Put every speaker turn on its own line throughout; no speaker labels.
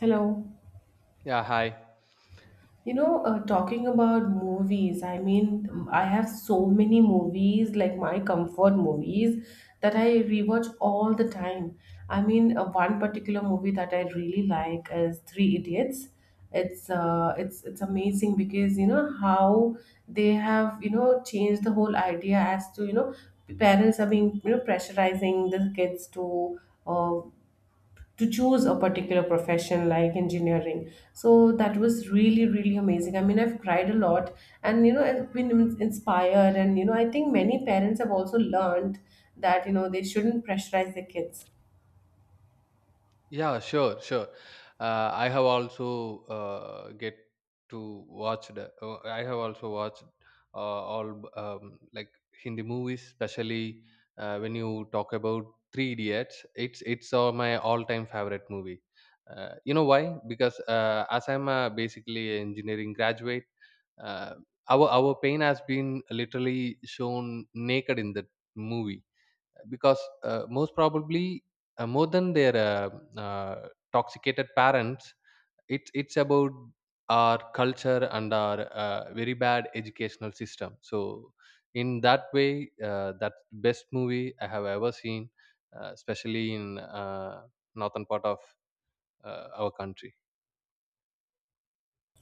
Hello.
Yeah, hi.
Talking about movies, I have so many movies, like my comfort movies, that I rewatch all the time. One particular movie that I really like is Three Idiots. It's amazing because how they have changed the whole idea as to parents are being pressurizing the kids uh, to choose a particular profession like engineering. So that was really, really amazing. I've cried a lot, and I've been inspired, and I think many parents have also learned that they shouldn't pressurize their kids.
Yeah, sure, sure. I have also get to watch the. I have also watched all like Hindi movies, especially when you talk about Three Idiots. It's my all-time favorite movie. You know why? Because as I'm a basically engineering graduate, uh, our pain has been literally shown naked in that movie because most probably more than their toxicated parents, it's about our culture and our very bad educational system. So in that way that's the best movie I have ever seen, especially in northern part of our country.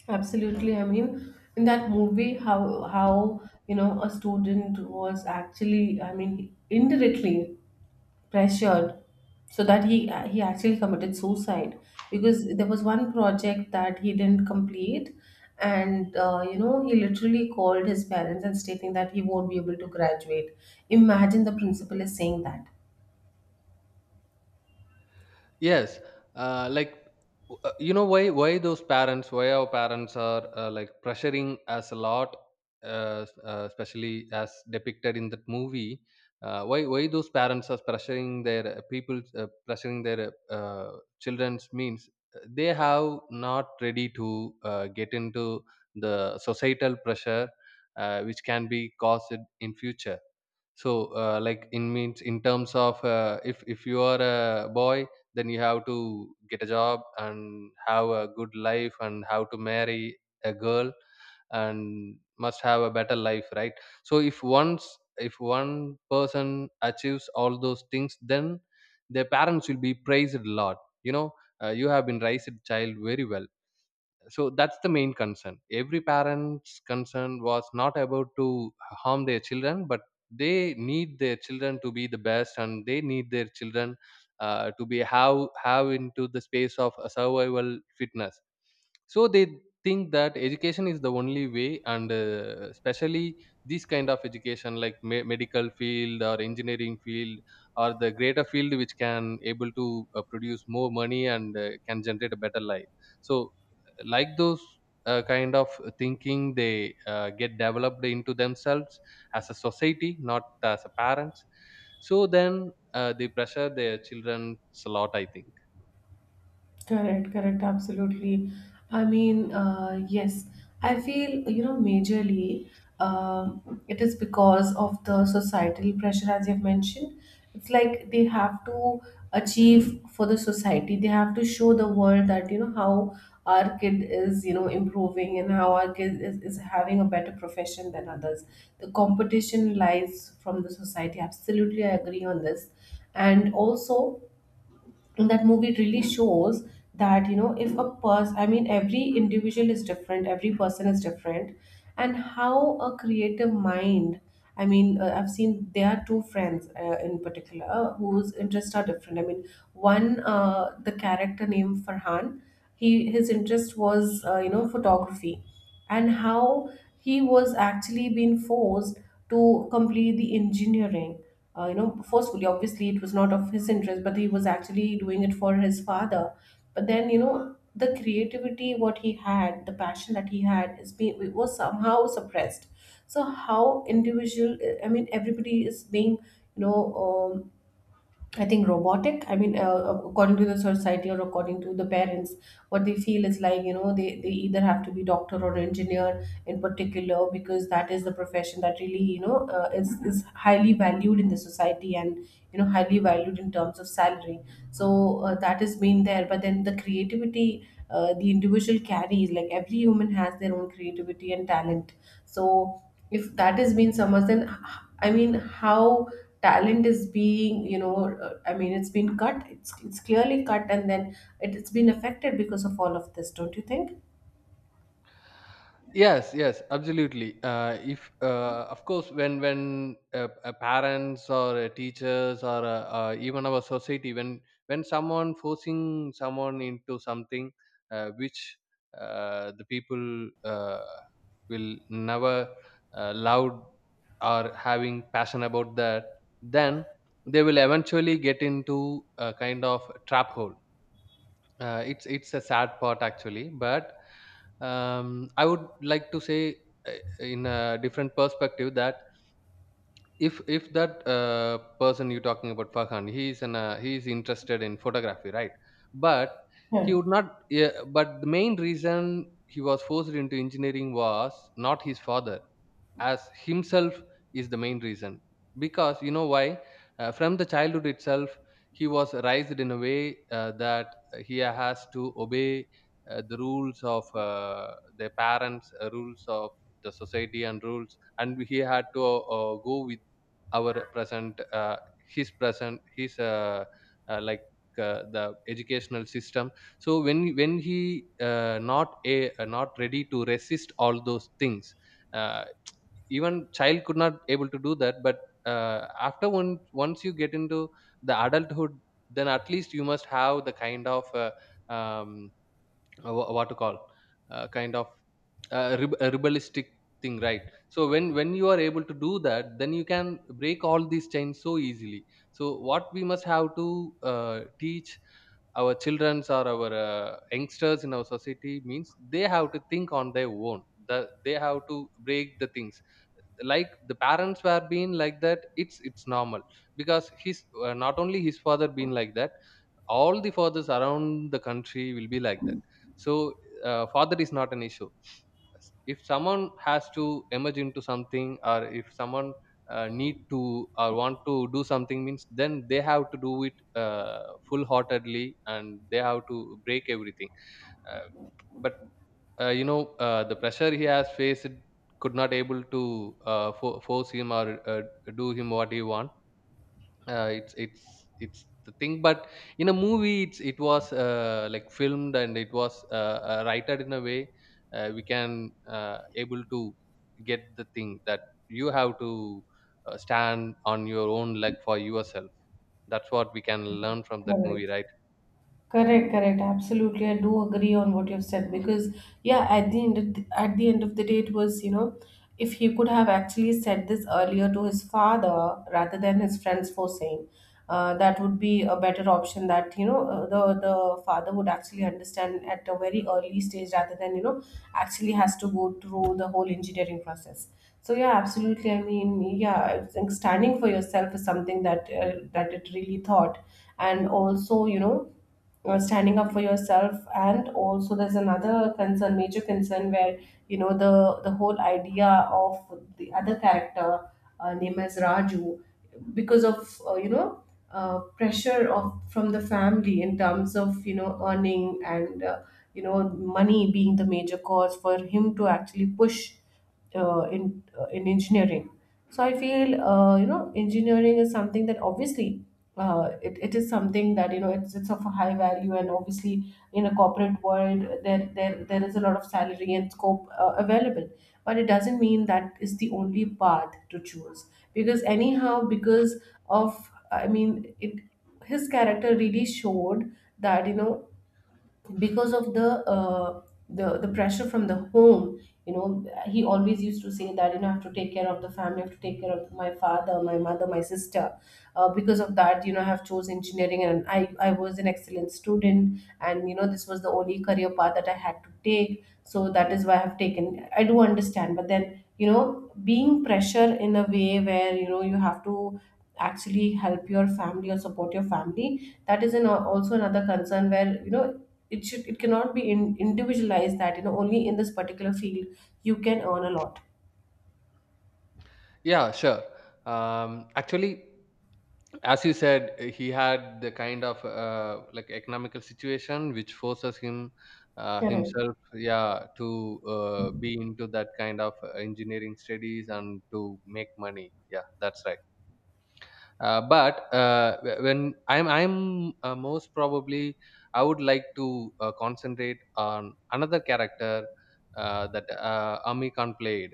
Absolutely. In that movie, how a student was actually, indirectly pressured so that he actually committed suicide because there was one project that he didn't complete. And he literally called his parents and stating that he won't be able to graduate. Imagine the principal is saying that.
Yes. uh, like you know, why those parents, why our parents are like pressuring us a lot, especially as depicted in that movie. Why those parents are pressuring their people pressuring their children's means they have not ready to get into the societal pressure which can be caused in future. So, like in means in terms of if you are a boy, then you have to get a job and have a good life and have to marry a girl and must have a better life, right? So, if once if one person achieves all those things, then their parents will be praised a lot. You know, you have been raised child very well, so that's the main concern. Every parent's concern was not about to harm their children, but they need their children to be the best and they need their children to be have into the space of a survival fitness. So they think that education is the only way and especially this kind of education like medical field or engineering field or the greater field which can able to produce more money and can generate a better life. So like those kind of thinking they get developed into themselves as a society, not as a parents. So then they pressure their children a lot, I think.
Correct, correct, absolutely. Yes, I feel, majorly it is because of the societal pressure, as you've mentioned. It's like they have to achieve for the society, they have to show the world that, how our kid is, improving, and how our kid is having a better profession than others. The competition lies from the society. Absolutely, I agree on this. And also, and that movie really shows that if a person, every individual is different, every person is different, and how a creative mind, I've seen there are two friends in particular whose interests are different. One, the character named Farhan, he his interest was photography, and how he was actually being forced to complete the engineering, forcefully. Obviously, it was not of his interest, but he was actually doing it for his father. But then, the creativity, what he had, the passion that he had, is being, it was somehow suppressed. So how individual? I mean, everybody is being, you know, um, I think, robotic. According to the society or according to the parents, what they feel is like they either have to be doctor or engineer in particular, because that is the profession that really is highly valued in the society, and highly valued in terms of salary. So that has been there. But then the creativity. The individual carries, like every human has their own creativity and talent. So if that is being submerged, then i mean how talent is being, it's been cut, it's clearly cut, and then it's been affected because of all of this, don't you think?
Yes, yes, absolutely. If Of course, when parents or teachers or even our society, when someone forcing someone into something which the people will never loved or having passion about that, then they will eventually get into a kind of trap hole. It's a sad part actually, but I would like to say uh, in a different perspective that if that person you're talking about, Farhan, he is an he is interested in photography, right? But he
Yeah,
would not. Yeah, but the main reason he was forced into engineering was not his father, as himself is the main reason. Because you know why, from the childhood itself, he was raised in a way that he has to obey the rules of their parents, rules of the society and rules, and he had to go with our present his present his like the educational system. So when he not a not ready to resist all those things, uh, even child could not able to do that. But after one once you get into the adulthood, then at least you must have the kind of um, what to call, kind of rebellistic thing, right? So when you are able to do that, then you can break all these chains so easily. So what we must have to teach our childrens or our youngsters in our society means they have to think on their own. They have to break the things. Like the parents were being like that, it's normal, because his not only his father being like that, all the fathers around the country will be like that. So father is not an issue. If someone has to emerge into something, or if someone need to or want to do something means, then they have to do it full heartedly, and they have to break everything. Uh, but uh, you know, the pressure he has faced could not able to force him or do him what he want. It's the thing. But in a movie, it was like filmed, and it was written in a way we can able to get the thing that you have to stand on your own leg for yourself. That's what we can learn from that movie,
correct.
right?
Correct, correct. Absolutely, I do agree on what you've said, because yeah, at the end of the, at the end of the day, it was, if he could have actually said this earlier to his father rather than his friends forcing, that would be a better option. That, the father would actually understand at a very early stage rather than, actually has to go through the whole engineering process. So yeah, absolutely. I mean, yeah, I think standing for yourself is something that that it really thought, and also standing up for yourself. And also there's another concern, major concern, where you know the the whole idea of the other character, name as Raju, because of pressure of from the family in terms of earning, and you know money being the major cause for him to actually push in, in engineering. So I feel, engineering is something that obviously it is something that it's of a high value, and obviously in a corporate world there there is a lot of salary and scope available. But it doesn't mean that is the only path to choose, because anyhow, because of, it, his character really showed that because of the pressure from the home, he always used to say that I have to take care of the family, I have to take care of my father, my mother, my sister. Because of that, I have chose engineering, and I was an excellent student, and this was the only career path that I had to take. So that is why I have taken. I do understand, but then being pressure in a way where you have to actually help your family or support your family, that is an, also another concern where it should, it cannot be in, individualized that only in this particular field you can earn a lot.
Yeah, sure. Um, actually, as you said, he had the kind of like economical situation which forces him
Correct.
himself, yeah, to be into that kind of engineering studies and to make money, yeah, that's right. When I'm most probably, I would like to concentrate on another character that Ami Khan played,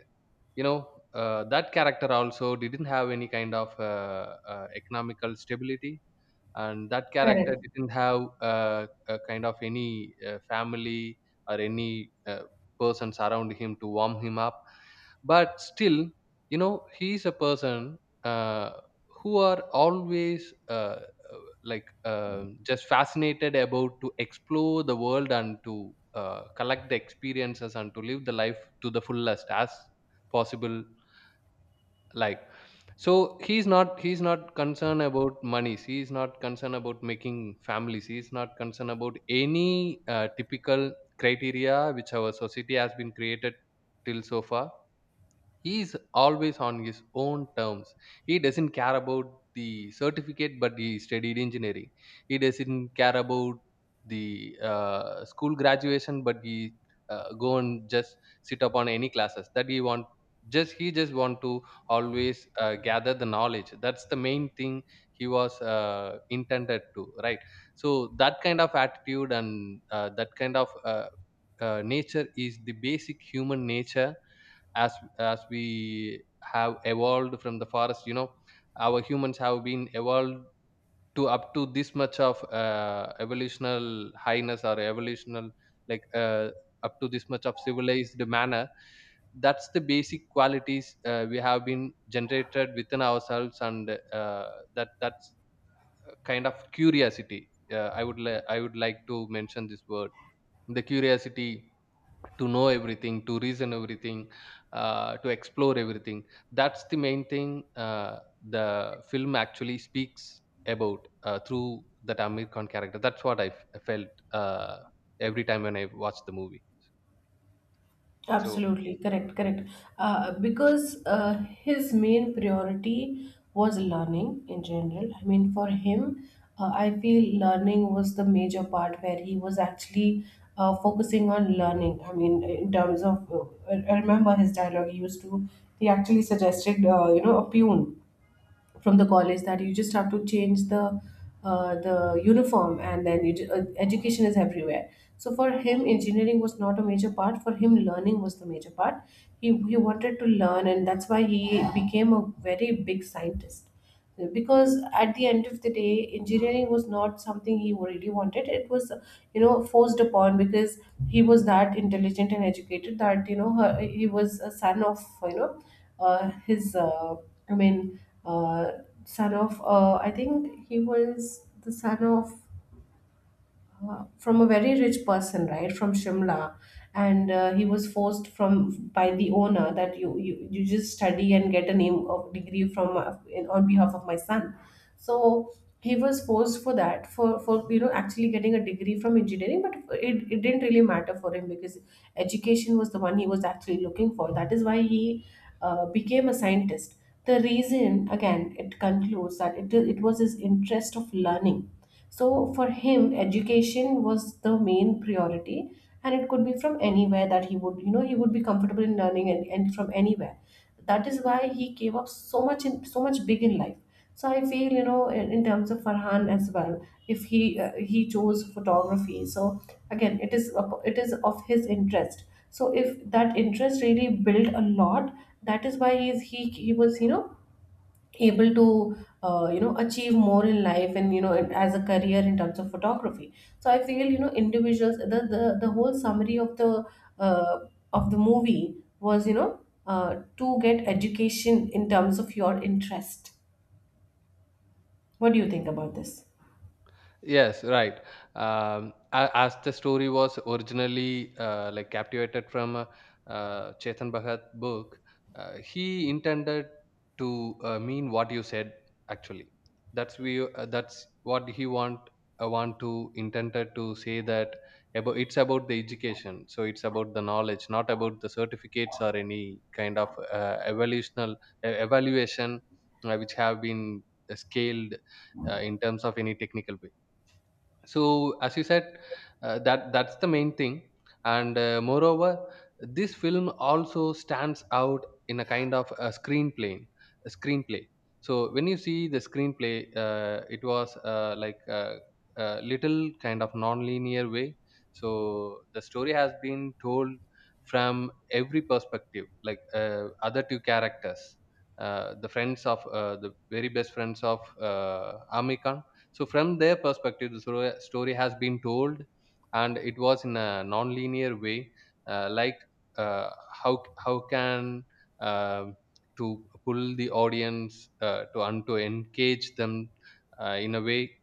you know. That character also didn't have any kind of economical stability, and that character
Correct.
didn't have a kind of any family or any persons around him to warm him up. But still, you know, he is a person uh, who are always like just fascinated about to explore the world and to collect the experiences and to live the life to the fullest as possible, like. So he's not, he's not concerned about monies, he's not concerned about making families, he's not concerned about any typical criteria which our society has been created till so far. He is always on his own terms. He doesn't care about the certificate, but he studied engineering. He doesn't care about the school graduation, but he go and just sit up on any classes that he want. Just he just want to always gather the knowledge. That's the main thing he was intended to, right? So that kind of attitude and that kind of nature is the basic human nature. as as we have evolved from the forest, you know, our humans have been evolved to up to this much of evolutional highness or evolutional like uh, up to this much of civilized manner. That's the basic qualities we have been generated within ourselves, and that that's a kind of curiosity. I would like to mention this word, the curiosity. To know everything, to reason everything, to explore everything. That's the main thing the film actually speaks about through that Amir Khan character. That's what I felt every time when I watched the movie. So
Absolutely correct, correct. Because His main priority was learning in general. I mean, for him, I feel learning was the major part where he was actually focusing on learning. I mean, in terms of, I remember his dialogue, he actually suggested, a pune from the college, that you just have to change the uniform, and then you, education is everywhere. So for him engineering was not a major part, for him learning was the major part. He wanted to learn, and that's why he became a very big scientist, because at the end of the day engineering was not something he really wanted. It was, forced upon, because he was that intelligent and educated that he was a son of, you know his I mean uh, son of, I think he was the son of, from a very rich person, right, from Shimla, and he was forced from by the owner that you just study and get a name of degree from, on behalf of my son. So he was forced for that, for actually getting a degree from engineering, but it didn't really matter for him, because education was the one he was actually looking for. That is why he became a scientist. The reason again it concludes that it was his interest of learning. So for him, education was the main priority, and it could be from anywhere that he would, he would be comfortable in learning, and from anywhere. That is why he gave up so much, in so much big in life. So I feel, in terms of Farhan as well, if he chose photography. So again, it is it is of his interest. So if that interest really built a lot, that is why he was, able to achieve more in life, and you know and as a career in terms of photography. So I feel, individuals, the whole summary uh, of the movie was, to get education in terms of your interest. What do you think about this?
yes, right. As the story was originally like captivated from Chetan Bhagat book, he intended to mean what you said actually. That's we. That's what he want. Want to intended to say that about, it's about the education. So it's about the knowledge, not about the certificates or any kind of evolutional evaluation which have been scaled in terms of any technical way. So as you said, that that's the main thing. And moreover, this film also stands out in a kind of a screenplay, a screenplay. So when you see the screenplay, it was like a little kind of non-linear way. So the story has been told from every perspective, like other two characters, the friends of the very best friends of Amir. So from their perspective, the story has been told, and it was in a non-linear way, uh, like uh, how how can uh, to pull the audience to and to engage them in a way.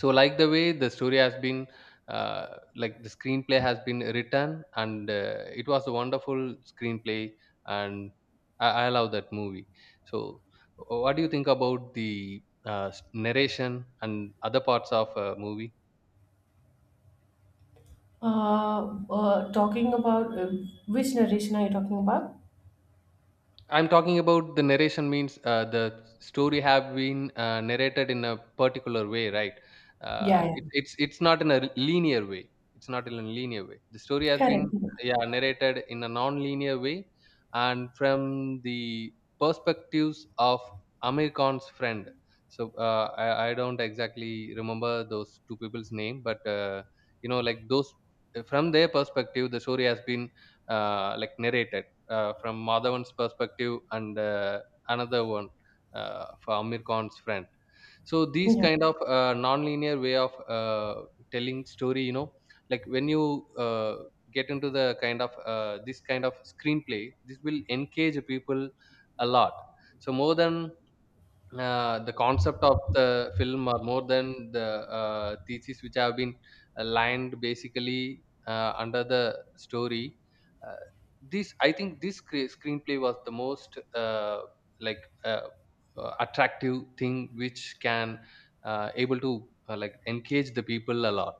So like the way the story has been like the screenplay has been written, and it was a wonderful screenplay. And I love that movie. So what do you think about the narration and other parts of a movie?
Talking about, which narration are you talking about?
I'm talking about the narration means the story have been narrated in a particular way, right?
Yeah,
Uh,
yeah.
it, it's it's not in a linear way. It's not in a linear way. The story has
Correct,
been,
correct.
yeah, narrated in a non-linear way, and from the perspectives of Amir Khan's friend. So I don't exactly remember those two people's name, but you know, like those, from their perspective, the story has been like narrated from Madhavan's perspective and another one for Amir Khan's friend. So these
Yeah.
kind of non-linear way of telling story, you know, like when you get into the kind of this kind of screenplay, this will engage people a lot. So more than the concept of the film are more than the thesis which have been aligned basically under the story. Uh, this I think this cre- screenplay was the most like uh, attractive thing which can able to like engage the people a lot.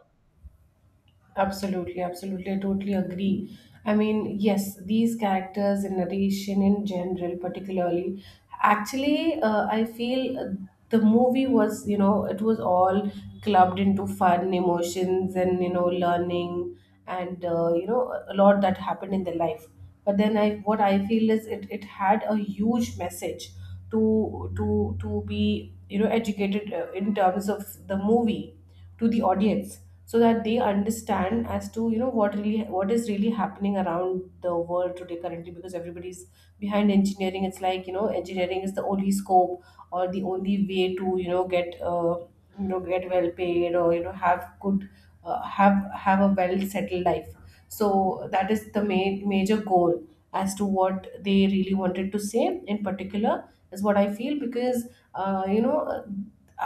Absolutely, absolutely. I totally agree. I mean, yes, these characters and narration in general, particularly, actually, I feel, the movie was, it was all clubbed into fun, emotions, and, learning, and, a lot that happened in their life. But then what I feel is it had a huge message to be, educated in terms of the movie to the audience, so that they understand as to, you know, what is really happening around the world today currently, because everybody's behind engineering. It's like, you know, engineering is the only scope or the only way to, you know, get get well paid, or, you know, have good have a well settled life. So that is the main major goal as to what they really wanted to say in particular, is what I feel. Because uh, you know uh,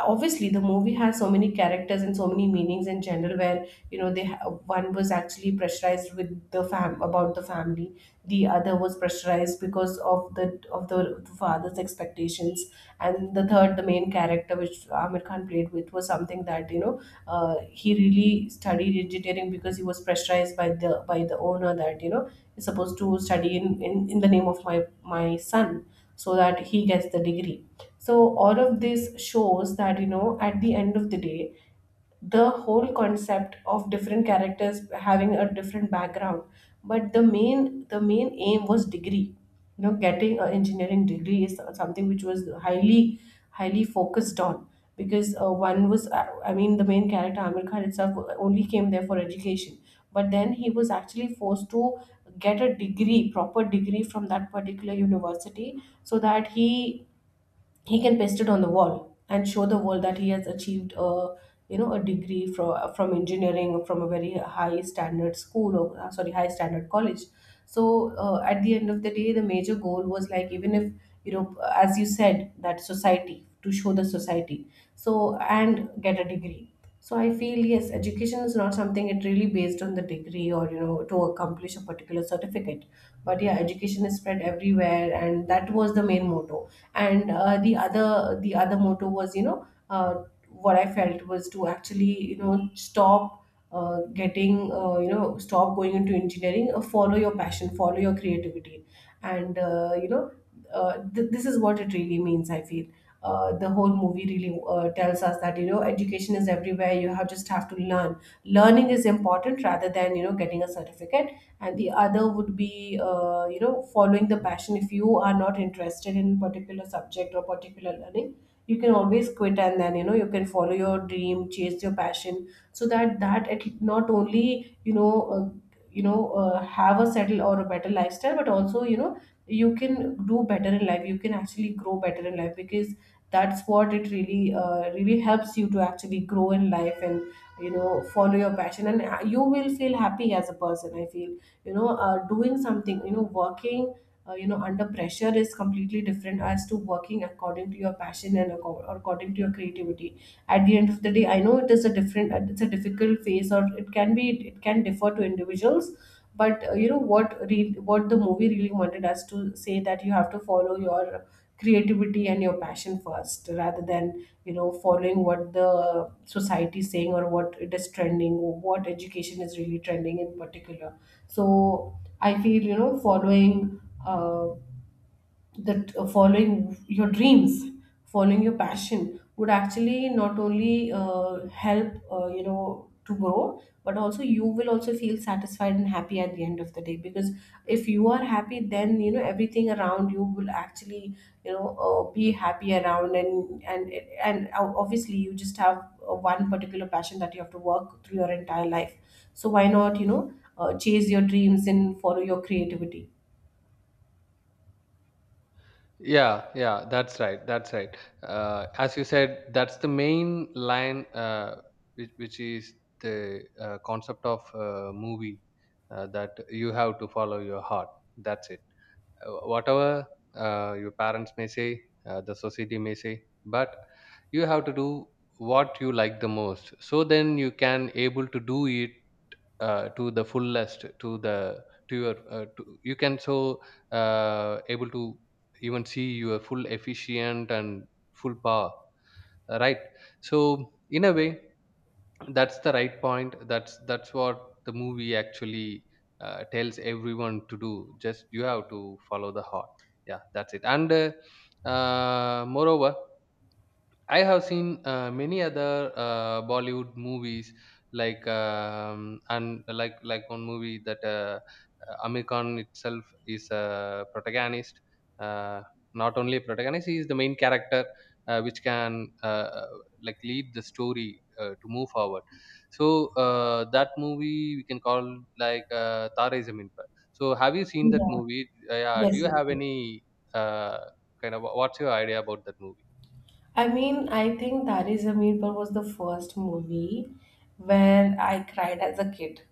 obviously the movie has so many characters and so many meanings in general, where, you know, one was actually pressurized with the fam, about the family, the other was pressurized because of the of the father's expectations, and the third, the main character which Amir Khan played with, was something that, you know, he really studied engineering because he was pressurized by the owner that, you know, is supposed to study in, in the name of my, my son, so that he gets the degree. So all of this shows that, you know, at the end of the day, the whole concept of different characters having a different background, but the main, aim was degree. You know, getting an engineering degree is something which was highly, focused on, because one was I mean, the main character, Amir Khan itself, only came there for education, but then he was actually forced to get a degree, proper degree from that particular university, so that he can paste it on the wall and show the world that he has achieved a, you know, a degree from engineering from a very high standard school, or sorry, high standard college. So at the end of the day, the major goal was like, even if, you know, as you said, that society, to show the society, so and get a degree. So I feel, yes, education is not something it really based on the degree, or, you know, to accomplish a particular certificate. But yeah, education is spread everywhere, and that was the main motto. And the other, motto was, you know, what I felt was to actually, you know, stop getting you know, stop going into engineering. Follow your passion, follow your creativity, and this is what it really means, I feel. The whole movie really tells us that, you know, education is everywhere. You have, just have to learn. Learning is important rather than, you know, getting a certificate. And the other would be, you know, following the passion. If you are not interested in particular subject or particular learning, you can always quit, and then, you know, you can follow your dream, chase your passion. So that it, not only, you know uh, have a settle or a better lifestyle, but also, you know, you can do better in life, you can actually grow better in life, because that's what it really really helps you to actually grow in life. And you know, follow your passion, and you will feel happy as a person, I feel. You know, doing something, you know, working you know, under pressure is completely different as to working according to your passion and according to your creativity. At the end of the day, I know it is a different, it's a difficult phase, or it can be, it can differ to individuals. But you know, what the movie really wanted us to say, that you have to follow your creativity and your passion first, rather than, you know, following what the society is saying, or what it is trending, or what education is really trending in particular. So I feel, you know, following uh, that following your dreams, following your passion would actually not only help you know, to grow, but also you will also feel satisfied and happy at the end of the day. Because if you are happy, then you know, everything around you will actually, you know, be happy around, and obviously you just have one particular passion that you have to work through your entire life. So why not, you know, chase your dreams and follow your creativity.
Yeah, yeah, that's right. That's right. As you said, that's the main line, which is the concept of movie that you have to follow your heart. That's it. Whatever your parents may say, the society may say, but you have to do what you like the most. So then you can able to do it to the fullest to the to your you can so able to even see your full efficient and full power, right. So in a way that's the right point that's what the movie actually tells everyone to do. Just you have to follow the heart. Yeah, that's it. And Moreover, I have seen many other Bollywood movies like and like like one movie that Amir Khan itself is a protagonist. Uh, Not only a protagonist, he is the main character which can like lead the story to move forward. So that movie we can call like Tare Zameen Par. So have you seen that
Yeah.
movie? Yeah. Do
Yes,
you have
yes.
any uh, kind of, what's your idea about that movie?
I mean, I think Dari's Zameen Par was the first movie where I cried as a kid.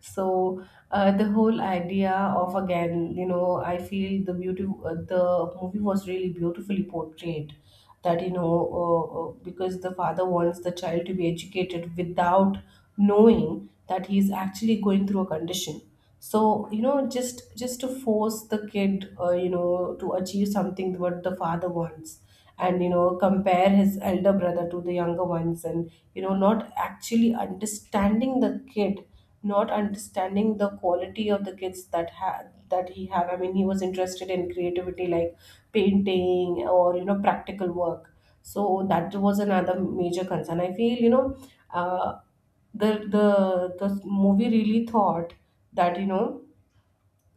So the whole idea of, again, you know, I feel the beauty. The movie was really beautifully portrayed. That, you know, because the father wants the child to be educated without knowing that he's actually going through a condition. So you know, just to force the kid, you know, to achieve something what the father wants, and you know, compare his elder brother to the younger ones, and you know, not actually understanding the kid, not understanding the quality of the kids that he have. I mean, he was interested in creativity, like painting, or, you know, practical work. So that was another major concern, I feel. You know, uh, the the the movie really thought that, you know,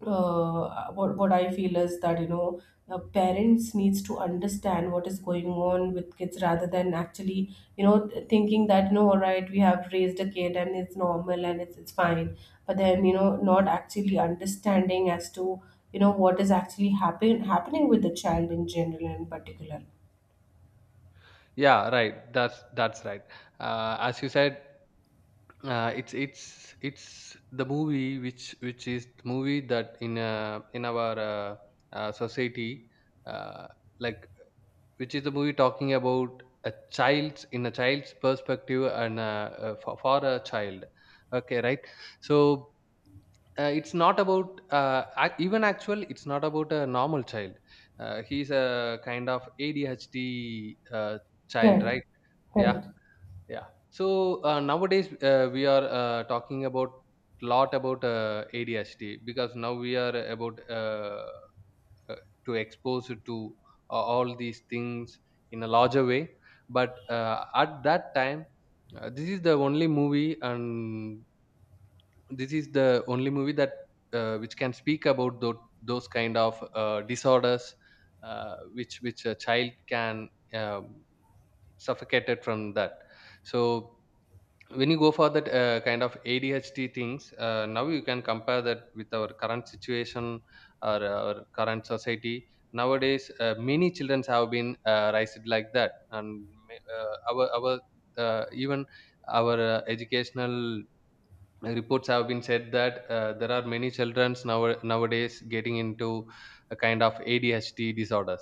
what I feel is that, you know, parents needs to understand what is going on with kids, rather than actually, you know, thinking that, you know, all right, we have raised a kid and it's normal, and it's fine, but then, you know, not actually understanding as to, you know, what is actually happening with the child in general and particular.
Yeah, right. That's right. As you said, it's the movie which is the movie that in in our society, uh, like which is the movie talking about a child's in a child's perspective and for a child. Okay, right. So it's not about even actual. It's not about a normal child. He's a kind of ADHD child,
Correct,
right? Yeah,
correct.
yeah. So nowadays we are talking about lot about ADHD because now we are about uh, to expose it to all these things in a larger way. But at that time, uh, this is the only movie, and this is the only movie that which can speak about those kind of disorders, which which a child can um suffocated from that. So when you go for that kind of ADHD things, now you can compare that with our current situation or our current society. Nowadays many children have been raised like that, and ma- our even our educational reports have been said that there are many children now, nowadays getting into a kind of ADHD disorders.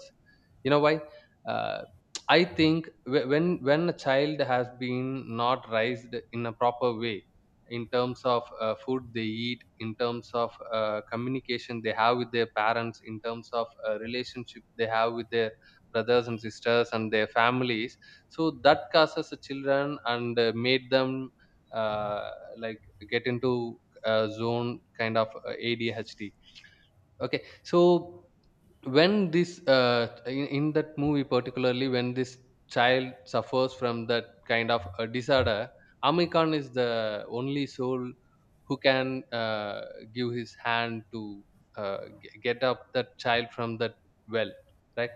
You know why? Uh, I think when a child has been not raised in a proper way, in terms of food they eat, in terms of communication they have with their parents, in terms of relationship they have with their brothers and sisters and their families, so that causes the children and made them uh, like get into a zone kind of ADHD. Okay, so when this in that movie particularly, when this child suffers from that kind of a disorder, Amir Khan is the only soul who can give his hand to get up that child from that well, right?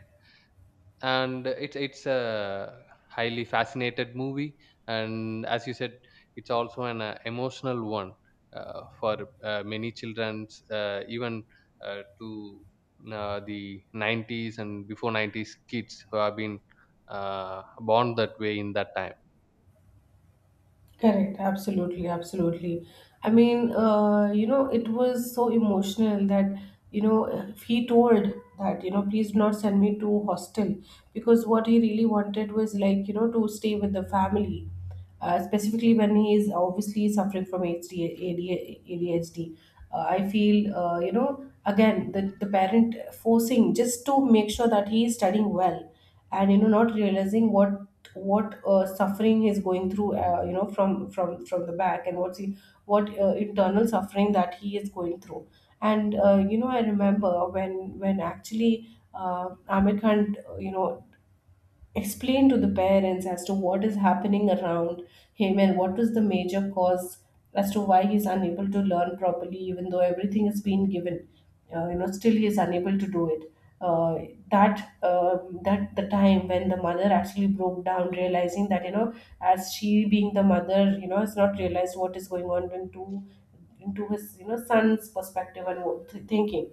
And it's a highly fascinated movie, and as you said, it's also an emotional one for many childrens even to the 90s and before 90s kids who have been born that way in that time.
Correct, absolutely, absolutely. I mean, you know, it was so emotional that, you know, if he told that, you know, please do not send me to hostel, because what he really wanted was like, you know, to stay with the family, specifically when he is obviously suffering from HD, ADHD. I feel, you know, again, the parent forcing, just to make sure that he is studying well, and you know, not realizing what, suffering he's going through, you know, from the back, and what internal suffering that he is going through. And you know, I remember when actually Amir Khan you know, explain to the parents as to what is happening around him, and what was the major cause as to why he's unable to learn properly, even though everything is being given, you know, still he is unable to do it, uh, that that the time when the mother actually broke down, realizing that, you know, as she being the mother, you know, has not realized what is going on, when two, into his, you know, son's perspective and what thinking.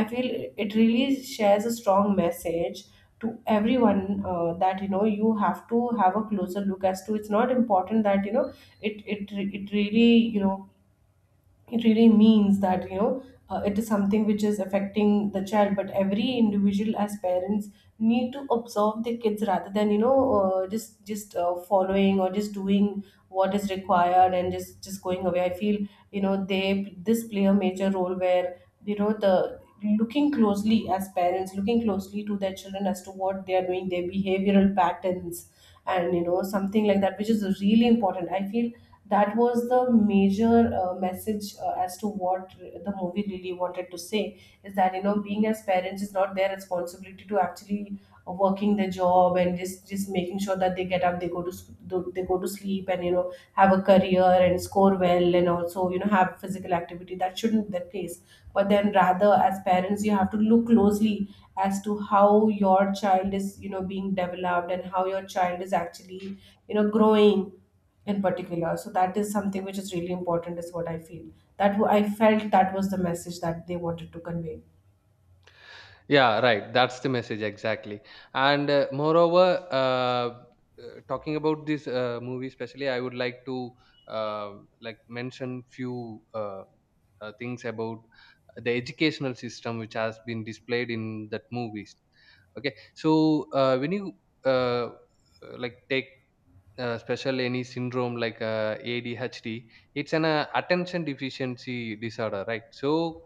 I feel it really shares a strong message to everyone, that you know, you have to have a closer look as to, it's not important that you know, it really, you know, it really means that, you know, it is something which is affecting the child, but every individual as parents need to observe the kids, rather than, you know, just following, or just doing what is required, and just going away, I feel. You know, they this play a major role, where, you know, the looking closely as parents, looking closely to their children as to what they are doing, their behavioral patterns, and you know, something like that, which is really important, I feel. That was the major message as to what the movie really wanted to say, is that, you know, being as parents is not their responsibility to actually, working the job, and just making sure that they get up, they go to they go to sleep, and you know, have a career and score well, and also, you know, have physical activity. That shouldn't be their place, but then rather, as parents, you have to look closely as to how your child is, you know, being developed, and how your child is actually, you know, growing in particular. So that is something which is really important, is what I feel. I felt that was the message that they wanted to convey.
Yeah, right. That's the message exactly. And uh, moreover, uh, Talking about this movie, especially, I would like to uh, like mention few things about the educational system which has been displayed in that movies. Okay, so when you uh, like take special any syndrome like ADHD. It's an attention deficiency disorder, right? So,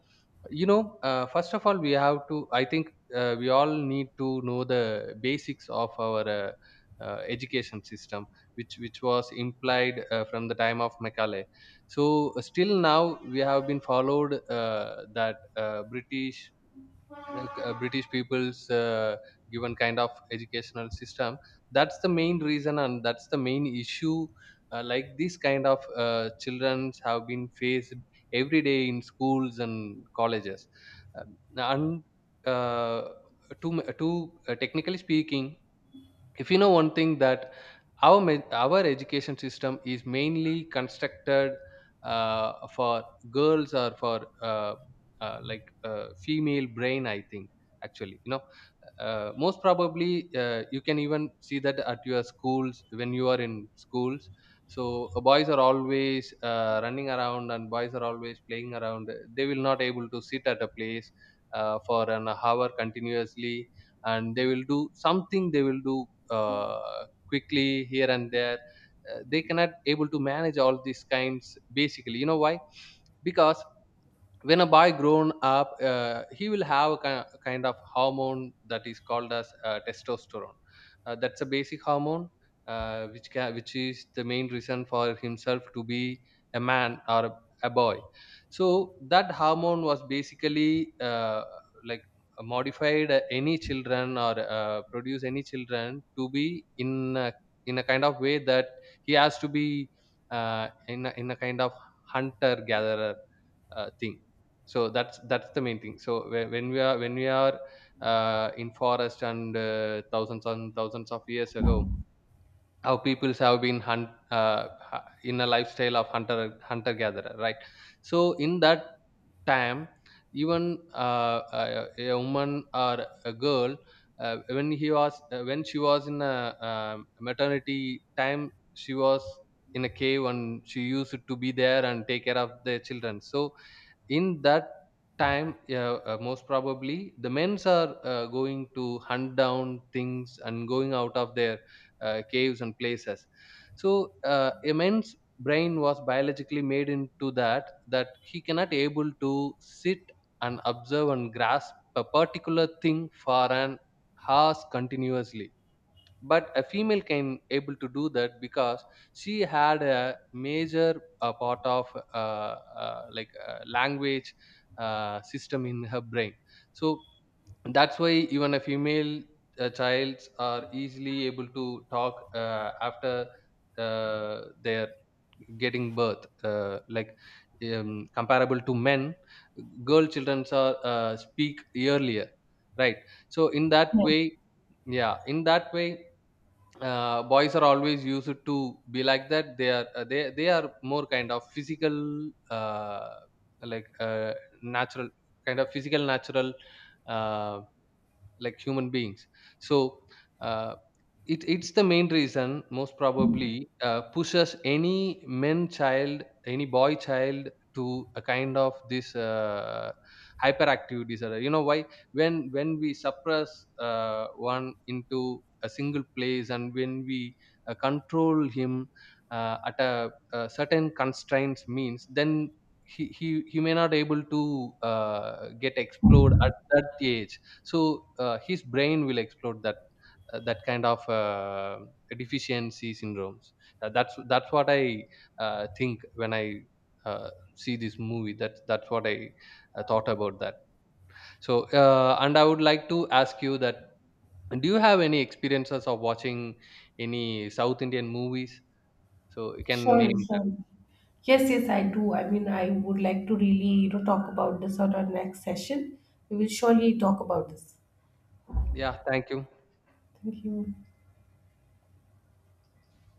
you know, first of all, we have to. I think we all need to know the basics of our education system, which was implied from the time of Macaulay. So, still now we have been followed that British british people's given kind of educational system. That's the main reason, and that's the main issue like these kind of children have been faced every day in schools and colleges. Um, and uh, to to technically speaking, if you know one thing that our education system is mainly constructed for girls or for uh, female brain. I think actually you know most probably you can even see that at your schools when you are in schools. So boys are always running around, and boys are always playing around. They will not able to sit at a place for an hour continuously, and they will do something. They will do uh, quickly here and there. They cannot able to manage all these kinds. Basically, you know why? Because when a boy grown up, he will have a kind of hormone that is called as testosterone. That's a basic hormone which is the main reason for himself to be a man or a boy. So that hormone was basically like modified any children or produce any children to be in in a kind of way that he has to be in a kind of hunter gatherer thing. So that's the main thing. So when we are in forest and thousands and thousands of years ago, our peoples have been in a lifestyle of hunter gatherer, right? So in that time, even a woman or a girl, when she was in a maternity time, she was in a cave, and she used to be there and take care of the children. So in that time, yeah, most probably the men's are going to hunt down things and going out of their caves and places. So a man's brain was biologically made into that, that he cannot able to sit and observe and grasp a particular thing for an hours continuously. But a female came able to do that because she had a major part of uh, language system in her brain. So that's why even a female child are easily able to talk after they're getting birth, comparable to men, girl children are speak earlier, right? So in that
Yeah,
way, yeah, in that way, boys are always used to be like that. They are they are more kind of physical, uh, like uh, natural kind of physical natural, uh, like human beings. So uh, it's the main reason most probably pushes any men child, any boy child to a kind of this hyperactive disorder. You know why? When we suppress one into a single place and when we control him a certain constraints means, then he may not able to get explored at that age. So his brain will explode that that kind of deficiency syndromes. That's what I think when I uh, see this movie. That that's what I thought about that. So and I would like to ask you that, do you have any experiences of watching any south indian movies, so you can
surely,
name that?
surely. Yes, yes, I do. I mean, I would like to really, you know, talk about this on our next session. We will surely talk about this.
Yeah, thank you.
Thank you.